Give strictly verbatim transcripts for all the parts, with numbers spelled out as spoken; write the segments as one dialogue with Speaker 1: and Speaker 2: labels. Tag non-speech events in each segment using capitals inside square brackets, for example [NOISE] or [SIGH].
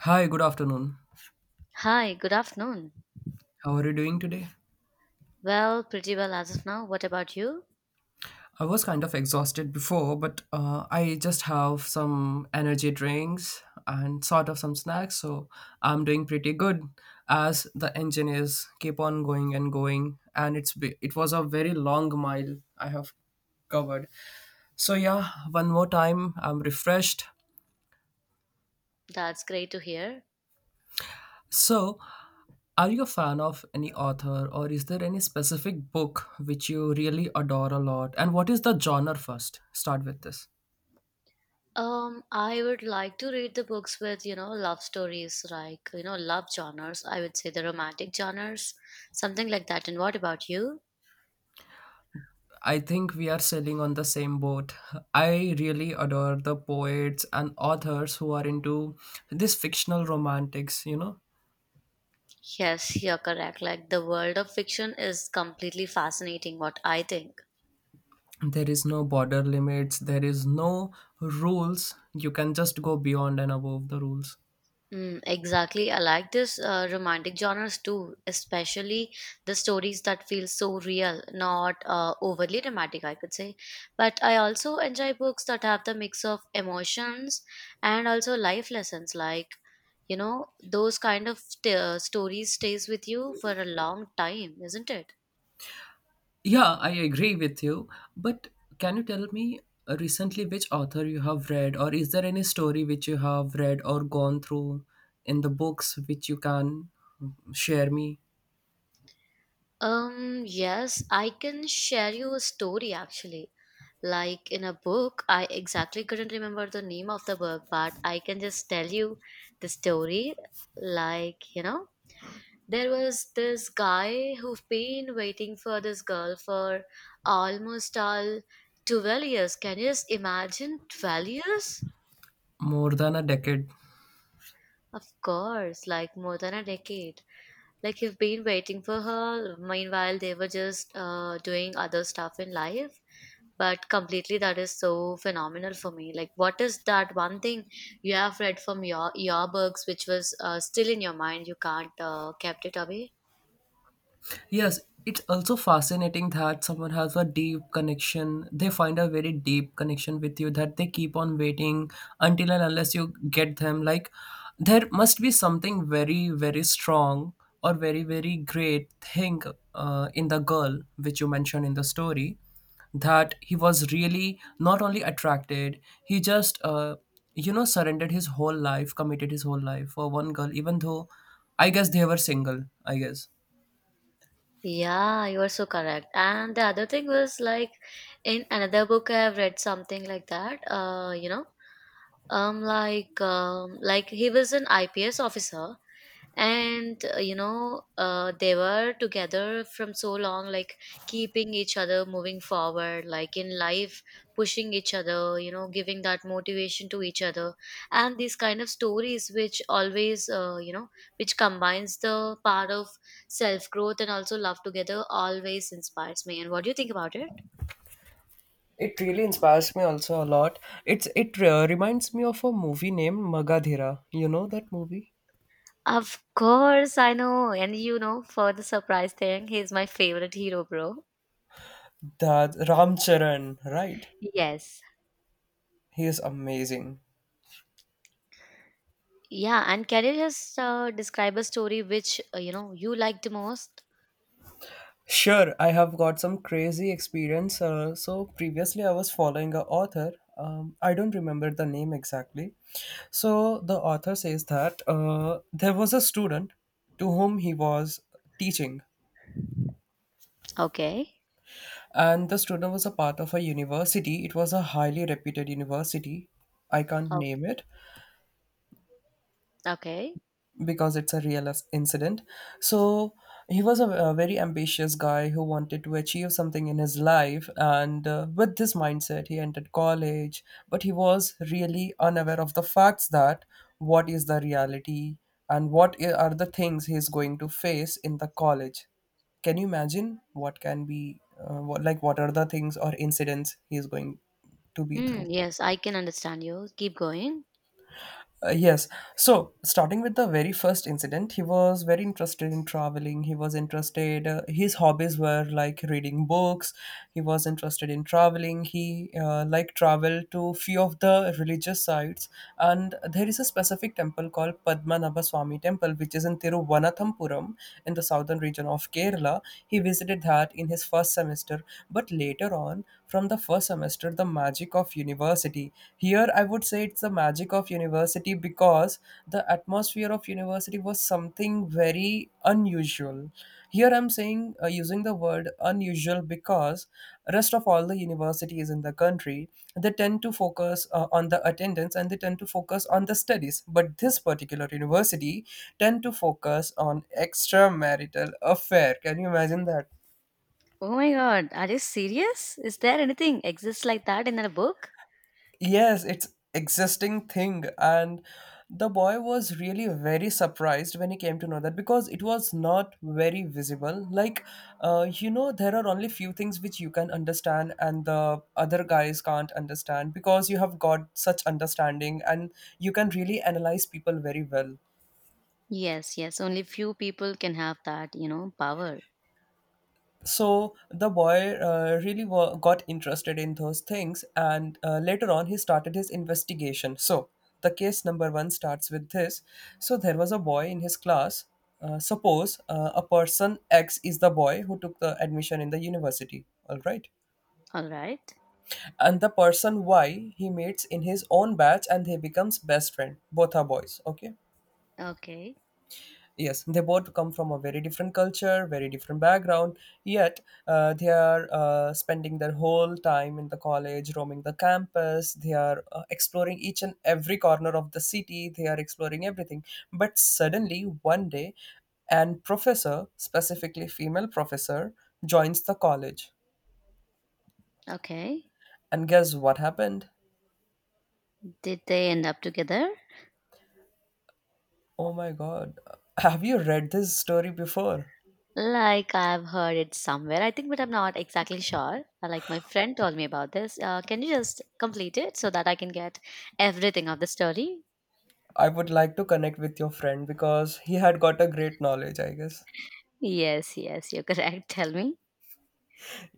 Speaker 1: Hi, good afternoon.
Speaker 2: Hi, good afternoon.
Speaker 1: How are you doing today?
Speaker 2: Well, pretty well as of now. What about you?
Speaker 1: I was kind of exhausted before, but uh, I just have some energy drinks and sort of some snacks, so I'm doing pretty good as the engine is keep on going and going, and it's be- it was a very long mile I have covered. So yeah, one more time, I'm refreshed.
Speaker 2: That's great to hear.
Speaker 1: So, are you a fan of any author, or is there any specific book which you really adore a lot? And what is the genre first? Start with this.
Speaker 2: Um, I would like to read the books with, you know, love stories, like, you know, love genres. I would say the romantic genres, something like that. And what about you?
Speaker 1: I think we are sailing on the same boat. I really adore the poets and authors who are into this fictional romantics, you know.
Speaker 2: Yes, you're correct. Like, the world of fiction is completely fascinating, what I think.
Speaker 1: There is no border limits, there is no rules. You can just go beyond and above the rules.
Speaker 2: Mm, exactly. I like this uh, romantic genres too, especially the stories that feel so real, not uh, overly dramatic, I could say. But I also enjoy books that have the mix of emotions and also life lessons. Like, you know, those kind of st- uh, stories stays with you for a long time, isn't it?
Speaker 1: Yeah, I agree with you. But can you tell me uh, recently which author you have read, or is there any story which you have read or gone through in the books which you can share me
Speaker 2: Um, yes, I can share you a story actually. Like in a book, I exactly couldn't remember the name of the book, but I can just tell you the story, like, you know, there was this guy who've been waiting for this girl for almost all twelve years. Can you just imagine twelve years?
Speaker 1: more than a decade.
Speaker 2: Of course, like more than a decade. Like you've been waiting for her, meanwhile they were just uh, doing other stuff in life, but completely that is so phenomenal for me. Like what is that one thing you have read from your your books which was uh, still in your mind, you can't uh, kept it away?
Speaker 1: Yes, it's also fascinating that someone has a deep connection. They find a very deep connection with you that they keep on waiting until and unless you get them. Like, there must be something very, very strong or very, very great thing uh, in the girl, which you mentioned in the story, that he was really not only attracted, he just, uh, you know, surrendered his whole life, committed his whole life for one girl, even though I guess they were single, I guess.
Speaker 2: Yeah, you are so correct. And the other thing was like, in another book I have read something like that, uh you know, um like um like he was an IPS officer, and uh, you know, uh, they were together from so long, like keeping each other moving forward, like in life, pushing each other, you know, giving that motivation to each other. And these kind of stories, which always uh, you know, which combines the part of self growth and also love together, always inspires me. And what do you think about it?
Speaker 1: It really inspires me also a lot. It's it uh, reminds me of a movie named Magadhira. You know that movie?
Speaker 2: Of course I know, and you know, for the surprise thing, he's my favorite hero, bro.
Speaker 1: That Ram Charan, right?
Speaker 2: Yes.
Speaker 1: He is amazing.
Speaker 2: Yeah, and can you just uh, describe a story which, uh, you know, you liked most?
Speaker 1: Sure, I have got some crazy experience. Uh, so previously, I was following a author. Um, I don't remember the name exactly. So the author says that uh, there was a student to whom he was teaching,
Speaker 2: Okay.
Speaker 1: and the student was a part of a university. It was a highly reputed university. I can't
Speaker 2: Oh,
Speaker 1: name it
Speaker 2: okay.
Speaker 1: because it's a real as- incident. So he was a, a very ambitious guy who wanted to achieve something in his life, and uh, with this mindset, he entered college. But he was really unaware of the facts that what is the reality and what i- are the things he's going to face in the college. Can you imagine what can be, uh, what, like, what are the things or incidents he is going to be
Speaker 2: Hmm.
Speaker 1: through?
Speaker 2: Yes, I can understand you. Keep going.
Speaker 1: Uh, yes. So, starting with the very first incident, he was very interested in traveling. He was interested, uh, his hobbies were like reading books. He was interested in traveling. He uh, like travel to few of the religious sites. And there is a specific temple called Padmanabha Swami Temple, which is in Tiruvananthapuram in the southern region of Kerala. He visited that in his first semester. But later on, from the first semester, the magic of university, here I would say it's the magic of university because the atmosphere of university was something very unusual. Here I'm saying uh, using the word unusual because rest of all the universities in the country, they tend to focus uh, on the attendance and they tend to focus on the studies, but this particular university tend to focus on extramarital affair. Can you imagine that?
Speaker 2: Oh my God, are you serious? Is there anything exists like that in a book?
Speaker 1: Yes, it's existing thing, and the boy was really very surprised when he came to know that because it was not very visible. Like, uh, you know, there are only few things which you can understand and the other guys can't understand because you have got such understanding and you can really analyze people very well.
Speaker 2: Yes, yes. Only few people can have that, you know, power.
Speaker 1: So the boy uh, really wa- got interested in those things, and uh, later on, he started his investigation. So the case number one starts with this. So there was a boy in his class. Uh, suppose uh, a person X is the boy who took the admission in the university, all right?
Speaker 2: All right.
Speaker 1: And the person Y he meets in his own batch and they becomes best friend. Both are boys, okay?
Speaker 2: Okay.
Speaker 1: Yes, they both come from a very different culture, very different background, yet uh, they are uh, spending their whole time in the college, roaming the campus, they are uh, exploring each and every corner of the city, they are exploring everything. But suddenly one day, an professor, specifically female professor, joins the college.
Speaker 2: Okay.
Speaker 1: And guess what happened?
Speaker 2: Did they end up together?
Speaker 1: Oh my god, have you read this story before?
Speaker 2: Like I've heard it somewhere, I think, but I'm not exactly sure. Uh, Like my friend told me about this. Uh, can you just complete it so that I can get everything of the story?
Speaker 1: I would like to connect with your friend because he had got a great knowledge, I guess.
Speaker 2: Yes, yes, you're correct. [LAUGHS] Tell me.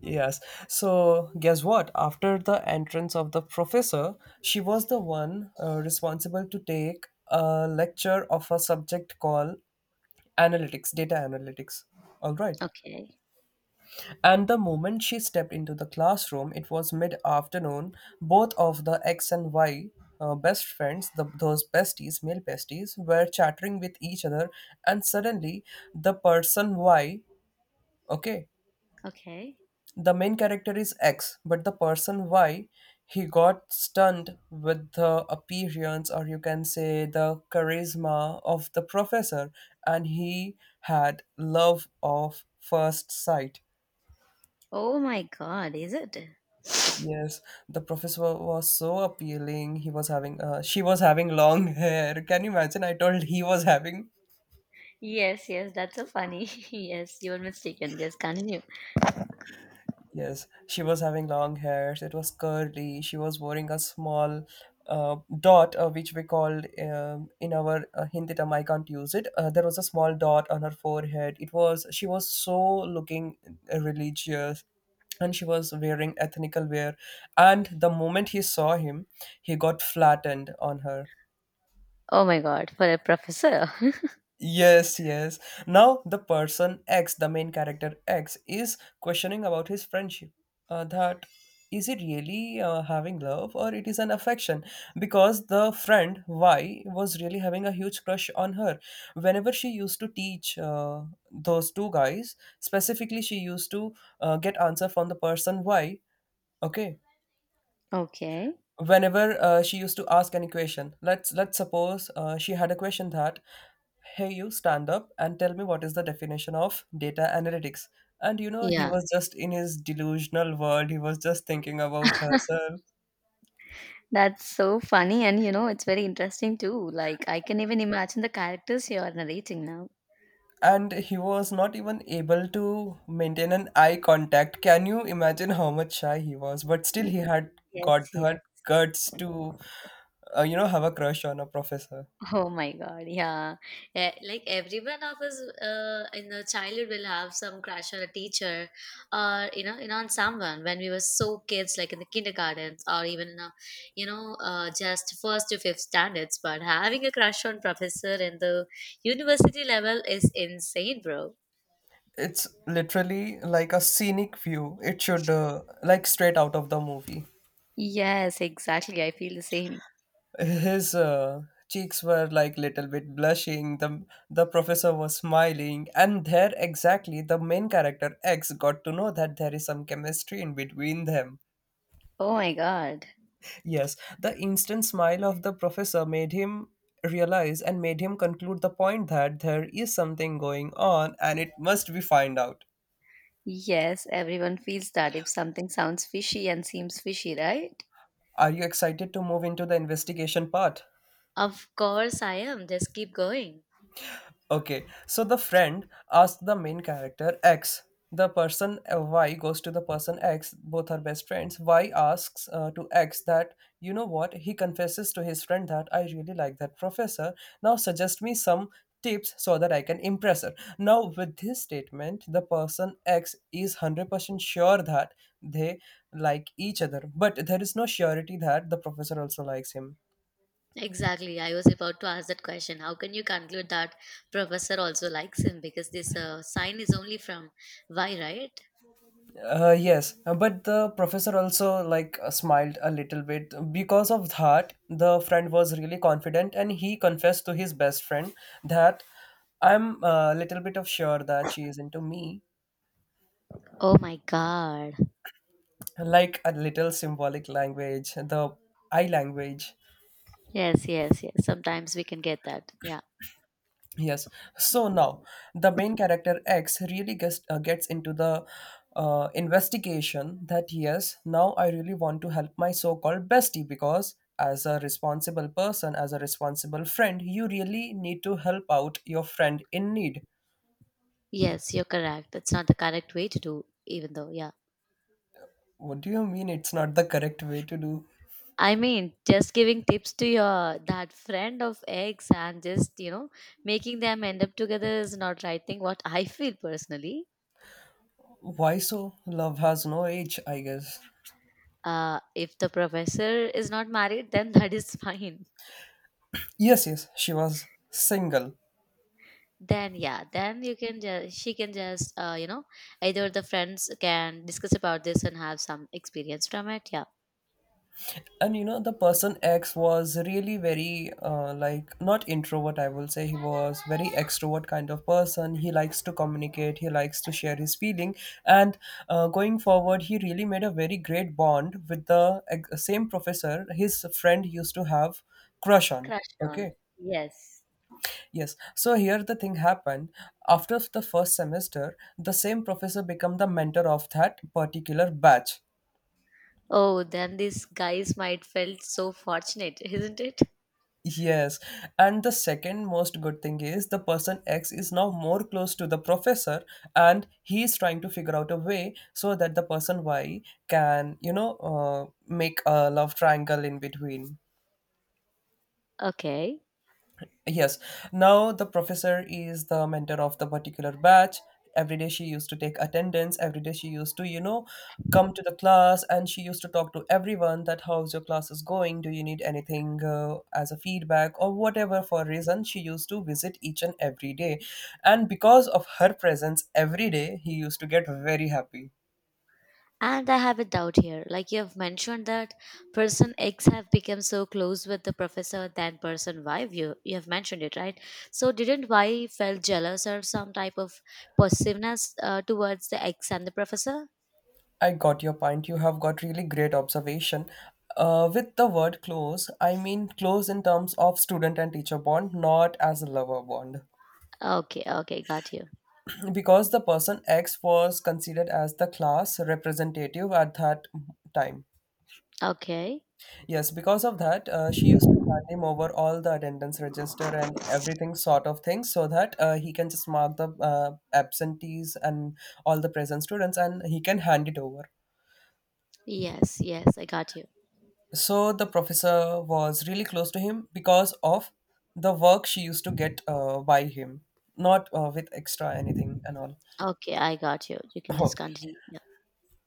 Speaker 1: Yes. So, guess what? After the entrance of the professor, she was the one uh, responsible to take a lecture of a subject called analytics, data analytics. All right.
Speaker 2: Okay,
Speaker 1: And the moment she stepped into the classroom, it was mid afternoon. Both of the X and Y uh, best friends, the, those besties, male besties, were chattering with each other. And suddenly, the person Y, okay,
Speaker 2: okay.
Speaker 1: the main character is X, but the person Y, he got stunned with the appearance, or you can say the charisma of the professor, and he had love of first sight.
Speaker 2: Oh my God, is it?
Speaker 1: Yes, the professor was so appealing. He was having, uh, she was having long hair. Can you imagine? I told he was having.
Speaker 2: Yes, yes, that's so funny. [LAUGHS] Yes, you were mistaken. Just continue.
Speaker 1: Yes, she was having long hair. So, it was curly. She was wearing a small uh, dot, uh, which we called um, in our uh, Hindi term. I can't use it. Uh, there was a small dot on her forehead. It was she was so looking religious, and she was wearing ethnical wear. And the moment he saw him, he got flattened on her.
Speaker 2: Oh my God, for a professor. [LAUGHS]
Speaker 1: Yes, yes. Now the person X, the main character X, is questioning about his friendship. Uh, that is it really uh, having love or it is an affection? Because the friend Y was really having a huge crush on her. Whenever she used to teach uh, those two guys, specifically she used to uh, get answer from the person Y. Okay,
Speaker 2: Okay.
Speaker 1: whenever uh, she used to ask any question, let's let's suppose uh, she had a question that, hey, you stand up and tell me what is the definition of data analytics. And you know, he
Speaker 2: Yeah,
Speaker 1: was just in his delusional world. He was just thinking about herself
Speaker 2: that's so funny, and you know, it's very interesting too. Like I can even imagine the characters you are narrating now.
Speaker 1: and he was not even able to maintain an eye contact. Can you imagine how much shy he was? But still
Speaker 2: Mm.
Speaker 1: he had
Speaker 2: Yes,
Speaker 1: got
Speaker 2: yes.
Speaker 1: that guts to uh, you know, have a crush on a professor.
Speaker 2: Oh my God, yeah. Eh, like everyone of us uh, in the childhood will have some crush on a teacher, or, you know, you know, on someone when we were so kids, like in the kindergartens, or even in a, you know, uh, just first to fifth standards. But having a crush on professor in the university level is insane, bro.
Speaker 1: It's literally like a scenic view. It should uh, like straight out of the movie.
Speaker 2: Yes, exactly. I feel the same.
Speaker 1: His uh, cheeks were like little bit blushing. The the professor was smiling, and there exactly the main character X got to know that there is some chemistry in between them.
Speaker 2: Oh my God.
Speaker 1: Yes, the instant smile of the professor made him realize and made him conclude the point that there is something going on and it must be find out.
Speaker 2: Yes, everyone feels that if something sounds fishy and seems fishy, right?
Speaker 1: Are you excited to move into the investigation part?
Speaker 2: Of course I am. Just keep going.
Speaker 1: Okay, so the friend asks the main character X. The person uh, Y goes to the person X, both are best friends. Y asks uh, to X that, you know what, he confesses to his friend that I really like that professor. Now suggest me some tips so that I can impress her. Now, with this statement, the person X is one hundred percent sure that they like each other, but there is no surety that the professor also likes him.
Speaker 2: Exactly. I was about to ask that question. How can you conclude that professor also likes him? Because this uh, sign is only from Y, right?
Speaker 1: Uh, yes, uh, but the professor also like uh, smiled a little bit. Because of that, the friend was really confident and he confessed to his best friend that I'm a little bit of sure that she is into me.
Speaker 2: Oh my God.
Speaker 1: Like a little symbolic language, the I language.
Speaker 2: Yes, yes, yes. Sometimes we can get that. Yeah.
Speaker 1: Yes. So now the main character X really gets uh, gets into the uh, investigation that yes, now I really want to help my so-called bestie because as a responsible person, as a responsible friend, you really need to help out your friend in need.
Speaker 2: Yes, you're correct. That's not the correct way to do, even though, yeah.
Speaker 1: What do you mean it's not the correct way to do?
Speaker 2: I mean, just giving tips to your that friend of ex and just, you know, making them end up together is not right thing, what I feel personally.
Speaker 1: Why so? Love has no age, I guess.
Speaker 2: Uh, if the professor is not married, then that is [LAUGHS] fine.
Speaker 1: Yes, yes, she was single.
Speaker 2: Then yeah, then you can just, she can just, uh, you know, either the friends can discuss about this and have some experience from it, yeah.
Speaker 1: And you know, the person X was really very uh, like not introvert, I will say he was very extrovert kind of person. He likes to communicate, he likes to share his feeling. And uh, going forward, he really made a very great bond with the ex- same professor his friend used to have crush on.
Speaker 2: Crush
Speaker 1: Okay.
Speaker 2: on. Yes.
Speaker 1: Yes. So here the thing happened. After the first semester, the same professor became the mentor of that particular batch.
Speaker 2: Oh, then these guys might felt so fortunate. [LAUGHS] Isn't it?
Speaker 1: Yes, and the second most good thing is the person X is now more close to the professor and he is trying to figure out a way so that the person Y can, you know, uh, make a love triangle in between.
Speaker 2: Okay.
Speaker 1: Yes. Now the professor is the mentor of the particular batch. Every day she used to take attendance. Every day she used to, you know, come to the class and she used to talk to everyone that how's your class is going? Do you need anything uh, as a feedback or whatever for reason? She used to visit each and every day. And because of her presence every day, he used to get very happy.
Speaker 2: And I have a doubt here. Like you have mentioned that person X have become so close with the professor than person Y, you you have mentioned it, right? So didn't Y felt jealous or some type of possessiveness uh, towards the X and the professor?
Speaker 1: I got your point. You have got really great observation. Uh, with the word close, I mean close in terms of student and teacher bond, not as a lover bond.
Speaker 2: Okay, okay, got you.
Speaker 1: [CLEARS THROAT] Because the person X was considered as the class representative at that time.
Speaker 2: Okay.
Speaker 1: Yes, because of that, uh, she used to hand him over all the attendance register and everything sort of thing so that uh, he can just mark the uh, absentees and all the present students and he can hand it over.
Speaker 2: Yes, yes, I got you.
Speaker 1: So the professor was really close to him because of the work she used to get uh, by him, not uh, with extra anything and all. [LAUGHS]
Speaker 2: Okay, I got you. You can just
Speaker 1: Oh,
Speaker 2: continue. Yeah.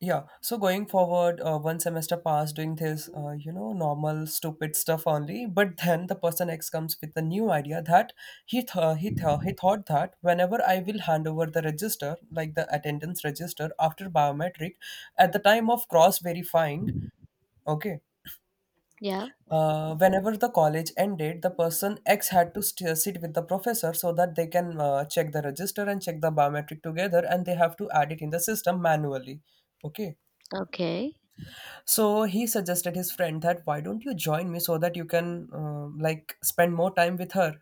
Speaker 1: yeah. So going forward, uh, one semester passed doing this, uh, you know, normal stupid stuff only. But then the person X comes with a new idea that he th- uh, he th- he thought that whenever I will hand over the register, like the attendance register after biometric, at the time of cross verifying, okay.
Speaker 2: Yeah.
Speaker 1: Uh, whenever the college ended, the person X had to st- sit with the professor so that they can uh, check the register and check the biometric together and they have to add it in the system manually. Okay.
Speaker 2: Okay.
Speaker 1: So he suggested his friend that why don't you join me so that you can uh, like spend more time with her.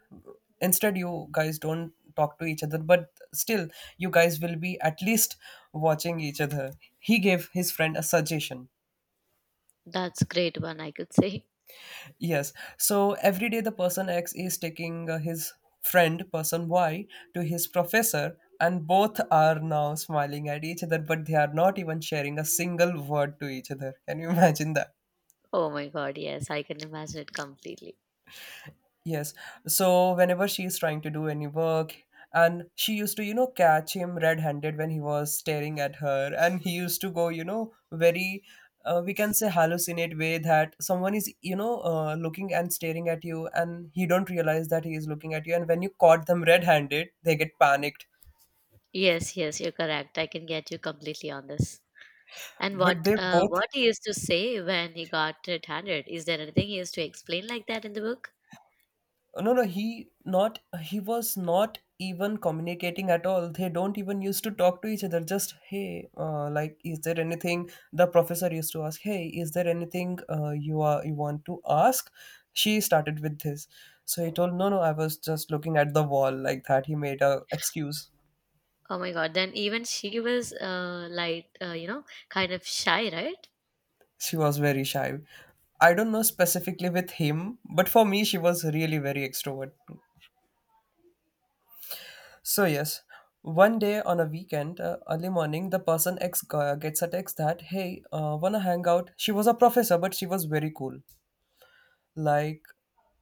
Speaker 1: Instead, you guys don't talk to each other, but still, you guys will be at least watching each other. He gave his friend a suggestion.
Speaker 2: That's great one, I could say. [LAUGHS]
Speaker 1: Yes. So every day the person X is taking uh, his friend, person Y, to his professor, and both are now smiling at each other, but they are not even sharing a single word to each other. Can you imagine that?
Speaker 2: Oh my God, yes, I can imagine it completely.
Speaker 1: Yes. So whenever she's trying to do any work, and she used to, you know, catch him red-handed when he was staring at her, and he used to go, you know, very, uh, we can say hallucinate way that someone is, you know, uh, looking and staring at you, and he don't realize that he is looking at you, and when you caught them red-handed, they get panicked.
Speaker 2: Yes, yes, you're correct. I can get you completely on this. And what
Speaker 1: But they
Speaker 2: uh
Speaker 1: both,
Speaker 2: what he used to say when he got it handed, is there anything he used to explain like that in the book?
Speaker 1: no, no he not he was not even communicating at all. They don't even used to talk to each other. Just hey, uh, like is there anything the professor used to ask. Hey, is there anything uh, you are you want to ask? She started with this. So he told, no, no, I was just looking at the wall like that. He made a excuse.
Speaker 2: Oh my God, then even she was uh like uh, you know, kind of shy, right?
Speaker 1: She was very shy. I don't know specifically with him, but for me she was really very extrovert. So, yes, one day on a weekend, uh, early morning, the person ex g- gets a text that, hey, uh, wanna hang out? She was a professor, but she was very cool. Like,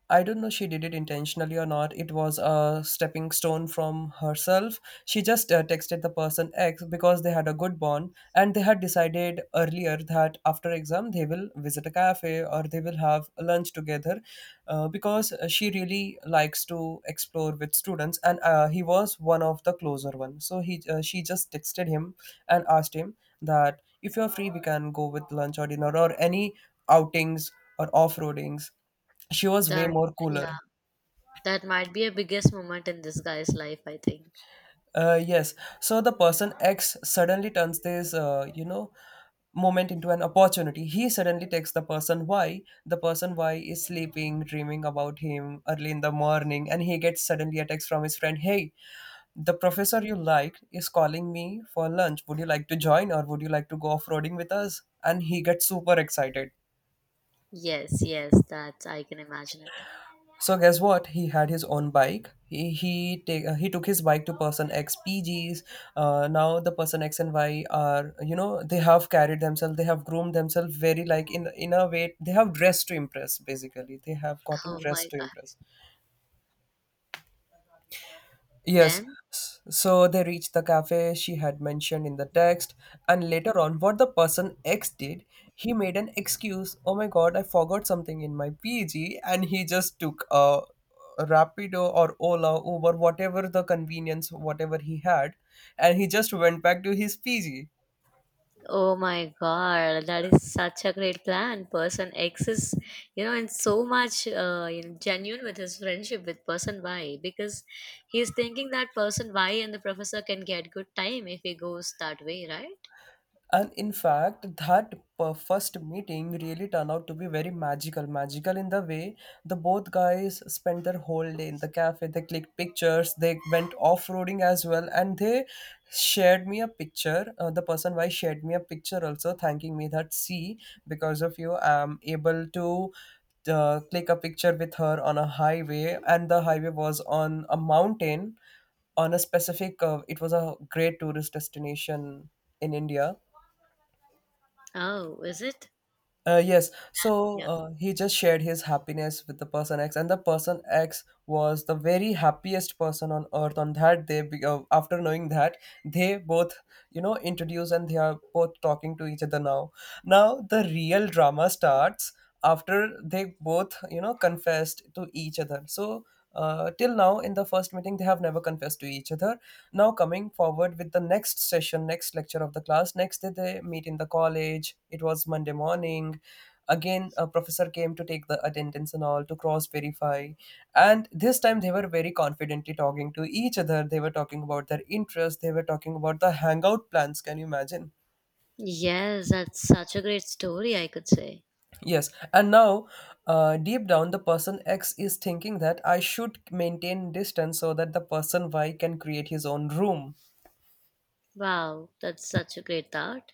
Speaker 1: I don't know she did it intentionally or not. It was a stepping stone from herself. She just uh, texted the person X because they had a good bond and they had decided earlier that after exam they will visit a cafe or they will have lunch together, uh, because uh, she really likes to explore with students, and uh, he was one of the closer one. So he uh, she just texted him and asked him that if you're free we can go with lunch or dinner or any outings or off-roadings. She was way
Speaker 2: That
Speaker 1: more cooler.
Speaker 2: That might be a biggest moment in this guy's life, I think.
Speaker 1: Uh, yes. So the person X suddenly turns this uh, you know moment into an opportunity. He suddenly takes the person Y. The person Y is sleeping, dreaming about him early in the morning, and he gets suddenly a text from his friend, hey, the professor you liked is calling me for lunch, would you like to join or would you like to go off-roading with us? And he gets super excited.
Speaker 2: Yes, yes, that's, I can imagine it.
Speaker 1: So guess what? He had his own bike. He he take uh, he took his bike to person X P Gs. Uh, now the person X and Y are, you know, they have carried themselves. They have groomed themselves very like in in a way they have dressed to impress. Basically, they have gotten
Speaker 2: Oh my
Speaker 1: dressed to
Speaker 2: God.
Speaker 1: impress. Yes,
Speaker 2: Then?
Speaker 1: s- so they reached the cafe she had mentioned in the text, and later on, what the person X did, he made an excuse. Oh my god, I forgot something in my P G, and he just took a Rapido or Ola, Uber, whatever the convenience, whatever he had, and he just went back to his P G.
Speaker 2: Oh my God, that is such a great plan. Person X is, you know, and so much, uh, you know, genuine with his friendship with person Y, because he's thinking that person Y and the professor can get good time if he goes that way, right?
Speaker 1: And in fact, that per- first meeting really turned out to be very magical. Magical in the way the both guys spent their whole day in the cafe. They clicked pictures, they went off roading as well, and they shared me a picture. Uh, the person why shared me a picture also, thanking me that, see, because of you, I'm able to uh, click a picture with her on a highway, and the highway was on a mountain on a specific, uh, it was a great tourist destination in India.
Speaker 2: Oh, is it?
Speaker 1: Uh, yes. So
Speaker 2: Yeah.
Speaker 1: uh, he just shared his happiness with the person X, and the person X was the very happiest person on earth on that day. Be- Uh, after knowing that, they both, you know, introduce and they are both talking to each other now. Now the real drama starts after they both, you know, confessed to each other. So uh, till now, in the first meeting, they have never confessed to each other. Now coming forward with the next session, next lecture of the class, next day they meet in the college. It was Monday morning. Again a professor came to take the attendance and all to cross verify, and this time they were very confidently talking to each other. They were talking about their interests, they were talking about the hangout plans. Can you imagine?
Speaker 2: Yes, that's such a great story, I could say.
Speaker 1: Yes, and now, uh, deep down, the person X is thinking that I should maintain distance so that the person Y can create his own room.
Speaker 2: Wow, that's such a great thought.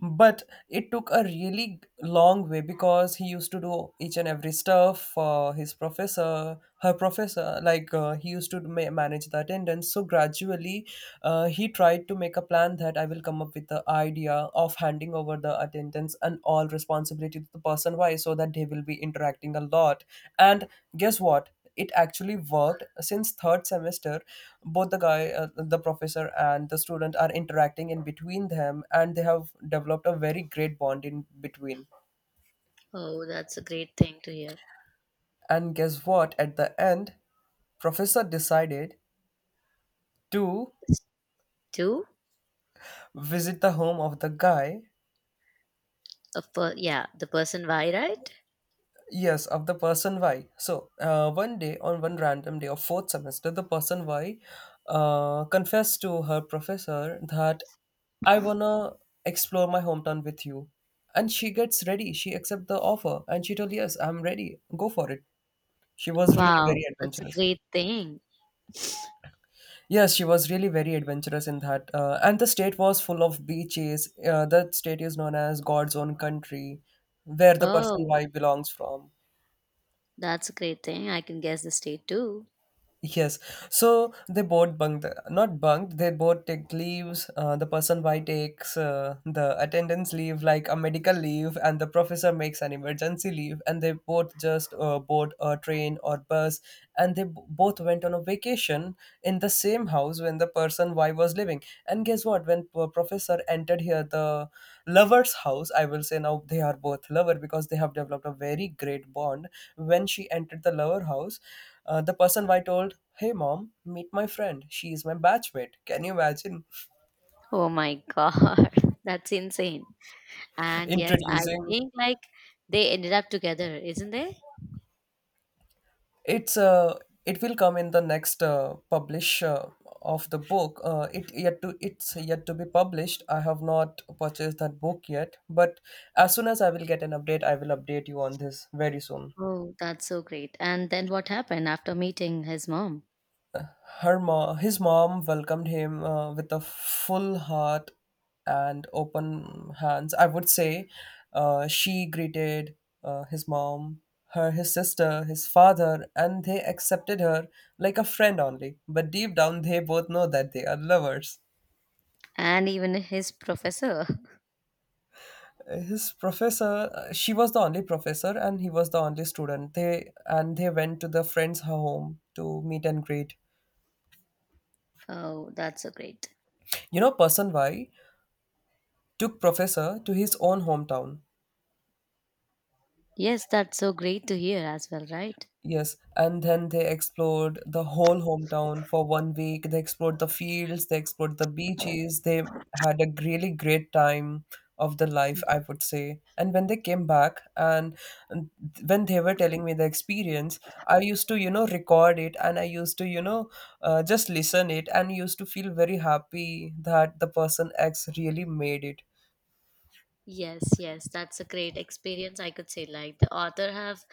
Speaker 1: But it took a really long way because he used to do each and every stuff for his professor, her professor. Like, uh, he used to ma- manage the attendance. So gradually, uh, he tried to make a plan that I will come up with the idea of handing over the attendance and all responsibility to the person Y so that they will be interacting a lot. And guess what, it actually worked since third semester. Both the guy, uh, the professor and the student are interacting in between them and they have developed a very great bond in between.
Speaker 2: Oh, that's a great thing to hear.
Speaker 1: And guess what, at the end, professor decided to
Speaker 2: It's two?
Speaker 1: visit the home of the guy.
Speaker 2: A per- yeah, the person Y, right?
Speaker 1: Yes, of the person Y. So, uh, one day, on one random day of fourth semester, the person Y uh, confessed to her professor that I wanna explore my hometown with you. And she gets ready. She accepts the offer and she told, yes, I'm ready, go for it. She was really
Speaker 2: Wow,
Speaker 1: very
Speaker 2: that's a
Speaker 1: adventurous.
Speaker 2: great thing.
Speaker 1: Yes, she was really very adventurous in that. Uh, and the state was full of beaches. Uh, that state is known as God's own country, where the person
Speaker 2: Oh,
Speaker 1: Y belongs from.
Speaker 2: that's a great thing. I can guess the state too.
Speaker 1: Yes. So they both bunked, not bunked, they both take leaves. Uh, the person Y takes uh, the attendance leave, like a medical leave, and the professor makes an emergency leave. And they both just uh, board a train or bus. And they b- both went on a vacation in the same house when the person Y was living. And guess what? When p- Professor entered here, the lover's house, I will say now they are both lover because they have developed a very great bond. When she entered the lover house, uh, the person Y told, "Hey mom, meet my friend. She is my batchmate." Can you imagine
Speaker 2: Oh my [LAUGHS] God, that's insane.
Speaker 1: [LAUGHS]
Speaker 2: And yes, I
Speaker 1: introducing,
Speaker 2: think like they ended up together, isn't they?
Speaker 1: it's uh it will come in the next uh, publish uh, of the book. Uh, it yet to it's yet to be published. I have not purchased that book yet, but as soon as I will get an update I will update you on this very soon.
Speaker 2: Oh, that's so great. And then what happened after meeting his mom
Speaker 1: Her mo- his mom welcomed him uh, with a full heart and open hands, I would say. Uh, she greeted, uh, his mom, her, his sister, his father, and they accepted her like a friend only. But deep down, they both know that they are lovers.
Speaker 2: and even his professor? [LAUGHS]
Speaker 1: His professor, uh, she was the only professor, and he was the only student. They and they went to the friend's home to meet and greet.
Speaker 2: Oh, that's so great.
Speaker 1: You know, person Y took professor to his own hometown.
Speaker 2: Yes, that's so great to hear as well, right?
Speaker 1: Yes, and then they explored the whole hometown for one week. They explored the fields, they explored the beaches. They had a really great time of their life, I would say. And when they came back, and and when they were telling me the experience, I used to, you know, record it and I used to, you know, uh, just listen it and used to feel very happy that the person X really made it.
Speaker 2: Yes, yes, that's a great experience, I could say. Like the author have,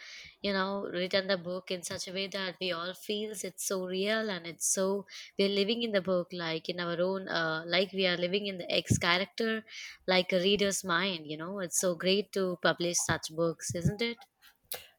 Speaker 2: you know, written the book in such a way that we all feels it's so real, and it's so, we're living in the book, like in our own, uh, like we are living in the ex character, like a reader's mind. You know, it's so great to publish such books, isn't it?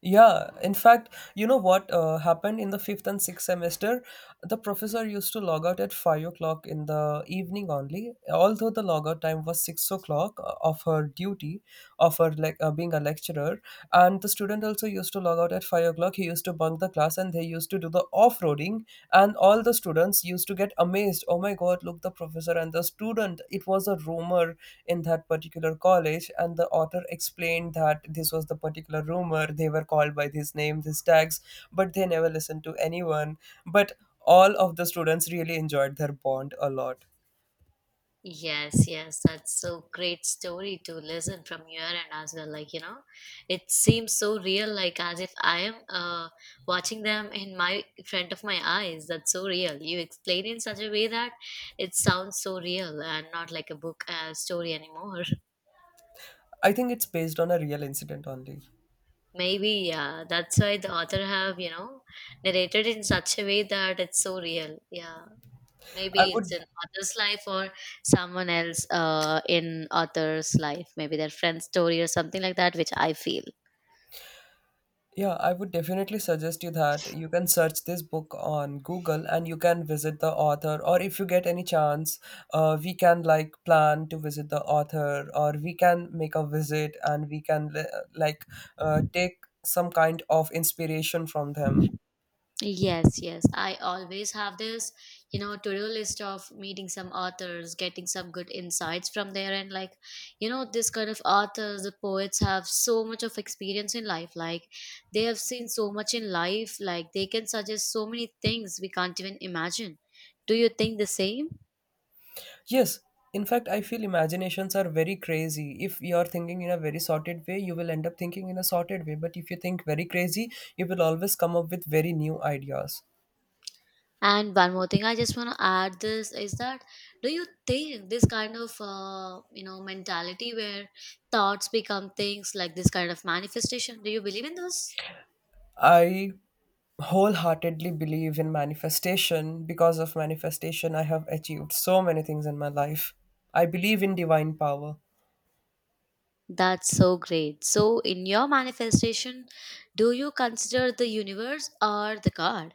Speaker 1: Yeah, in fact, you know what uh, happened in the fifth and sixth semester? The professor used to log out at five o'clock in the evening only, although the logout time was six o'clock, uh, of her duty, of her like uh, being a lecturer, and the student also used to log out at five o'clock. He used to bunk the class and they used to do the off-roading, and all the students used to get amazed. Oh my god, look, the professor and the student. It was a rumor in that particular college, and the author explained that this was the particular rumor. They were called by this name, these tags, but they never listened to anyone. But All of the students really enjoyed their bond a lot.
Speaker 2: Yes, yes, that's so great story to listen from your end as well. Like, you know, it seems so real, like as if I am uh, watching them in my front of my eyes. That's so real. You explain in such a way that it sounds so real and not like a book uh, story anymore.
Speaker 1: I think it's based on a real incident only.
Speaker 2: [LAUGHS] Maybe, yeah, that's why the author have, you know, narrated in such a way that it's so real. Yeah.
Speaker 1: I
Speaker 2: Maybe it's
Speaker 1: would
Speaker 2: in author's life, or someone else uh, in author's life, maybe their friend's story or something like that, which I feel.
Speaker 1: Yeah, I would definitely suggest you that you can search this book on Google and you can visit the author. Or if you get any chance, uh, we can like plan to visit the author, or we can make a visit and we can li- like uh, take some kind of inspiration from them.
Speaker 2: Yes, yes. I always have this, you know, to do list of meeting some authors, getting some good insights from there. And like, you know, this kind of authors, the poets have so much of experience in life. Like, they have seen so much in life. Like, they can suggest so many things we can't even imagine. Do you think the same?
Speaker 1: Yes, in fact, I feel imaginations are very crazy. If you're thinking in a very sorted way, you will end up thinking in a sorted way. But if you think very crazy, you will always come up with very new ideas.
Speaker 2: And one more thing, I just want to add this is that do you think this kind of uh, you know, mentality where thoughts become things, like this kind of manifestation? Do you believe in those?
Speaker 1: I wholeheartedly believe in manifestation. Because of manifestation, I have achieved so many things in my life. I believe in divine power.
Speaker 2: That's so great. So, in your manifestation, do you consider the universe or the God?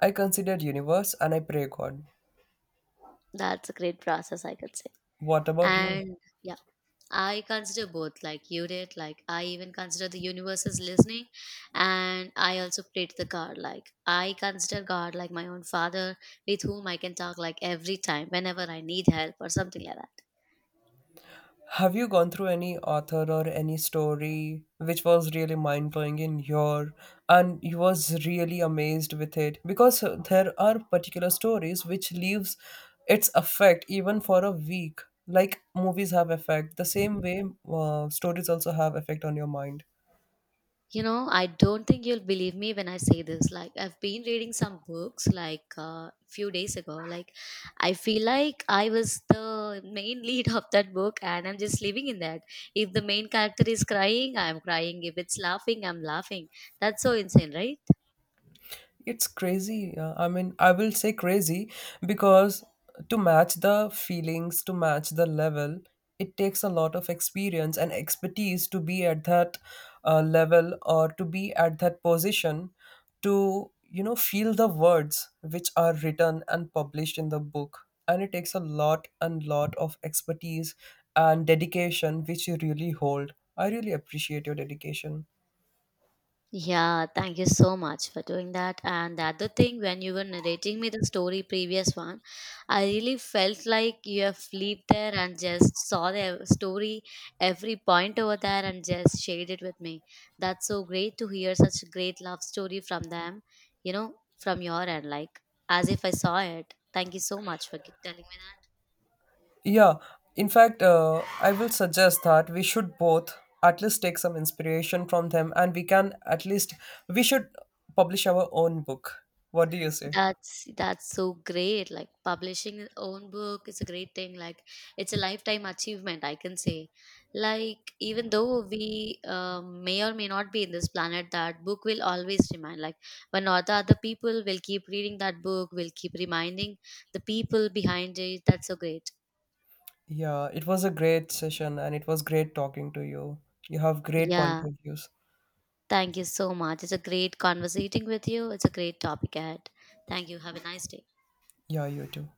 Speaker 1: I consider universe and I pray God.
Speaker 2: That's a great process, I could say.
Speaker 1: What about you?
Speaker 2: And yeah. I consider both, like you did. Like I even consider the universe is listening, and I also pray to the God. Like I consider God like my own father, with whom I can talk like every time, whenever I need help or something like that.
Speaker 1: Have you gone through any author or any story which was really mind blowing in your and you was really amazed with it? Because uh, there are particular stories which leaves its effect even for a week. Like movies have effect, the same way uh, stories also have effect on your mind.
Speaker 2: You know, I don't think you'll believe me when I say this. Like, I've been reading some books like a uh, few days ago. Like, I feel like I was the main [LAUGHS] lead of that book and I'm just living in that. If the main character is crying, I'm crying. If it's laughing, I'm laughing. That's so insane, right?
Speaker 1: It's crazy. uh, I mean, I will say crazy because to match the feelings, to match the level, it takes a lot of experience and expertise to be at that uh, level or to be at that position to, you know, feel the words which are written and published in the book. And it takes a lot and lot of expertise and dedication which you really hold. I really appreciate your dedication.
Speaker 2: Yeah, thank you so much for doing that. And the other thing, when you were narrating me the story previous one, I really felt like you have lived there and just saw the story, every point over there, and just shared it with me. That's so great to hear such a great love story from them, you know, from your end, like as if I saw it. Thank you so much for telling me that.
Speaker 1: Yeah, in fact, uh, I will suggest that we should both at least take some inspiration from them and we can at least, we should publish our own book. What do you say?
Speaker 2: That's that's so great. Like publishing your own book is a great thing. Like it's a lifetime achievement, I can say. Like even though we uh, may or may not be in this planet, that book will always remain. Like one or the other people will keep reading that book, will keep reminding the people behind it. That's so great.
Speaker 1: Yeah, it was a great session and it was great talking to you. You have great point
Speaker 2: Yeah.
Speaker 1: of views.
Speaker 2: Thank you so much. It's a great conversating with you. It's a great topic ahead. Thank you. Have a nice day.
Speaker 1: Yeah, you too.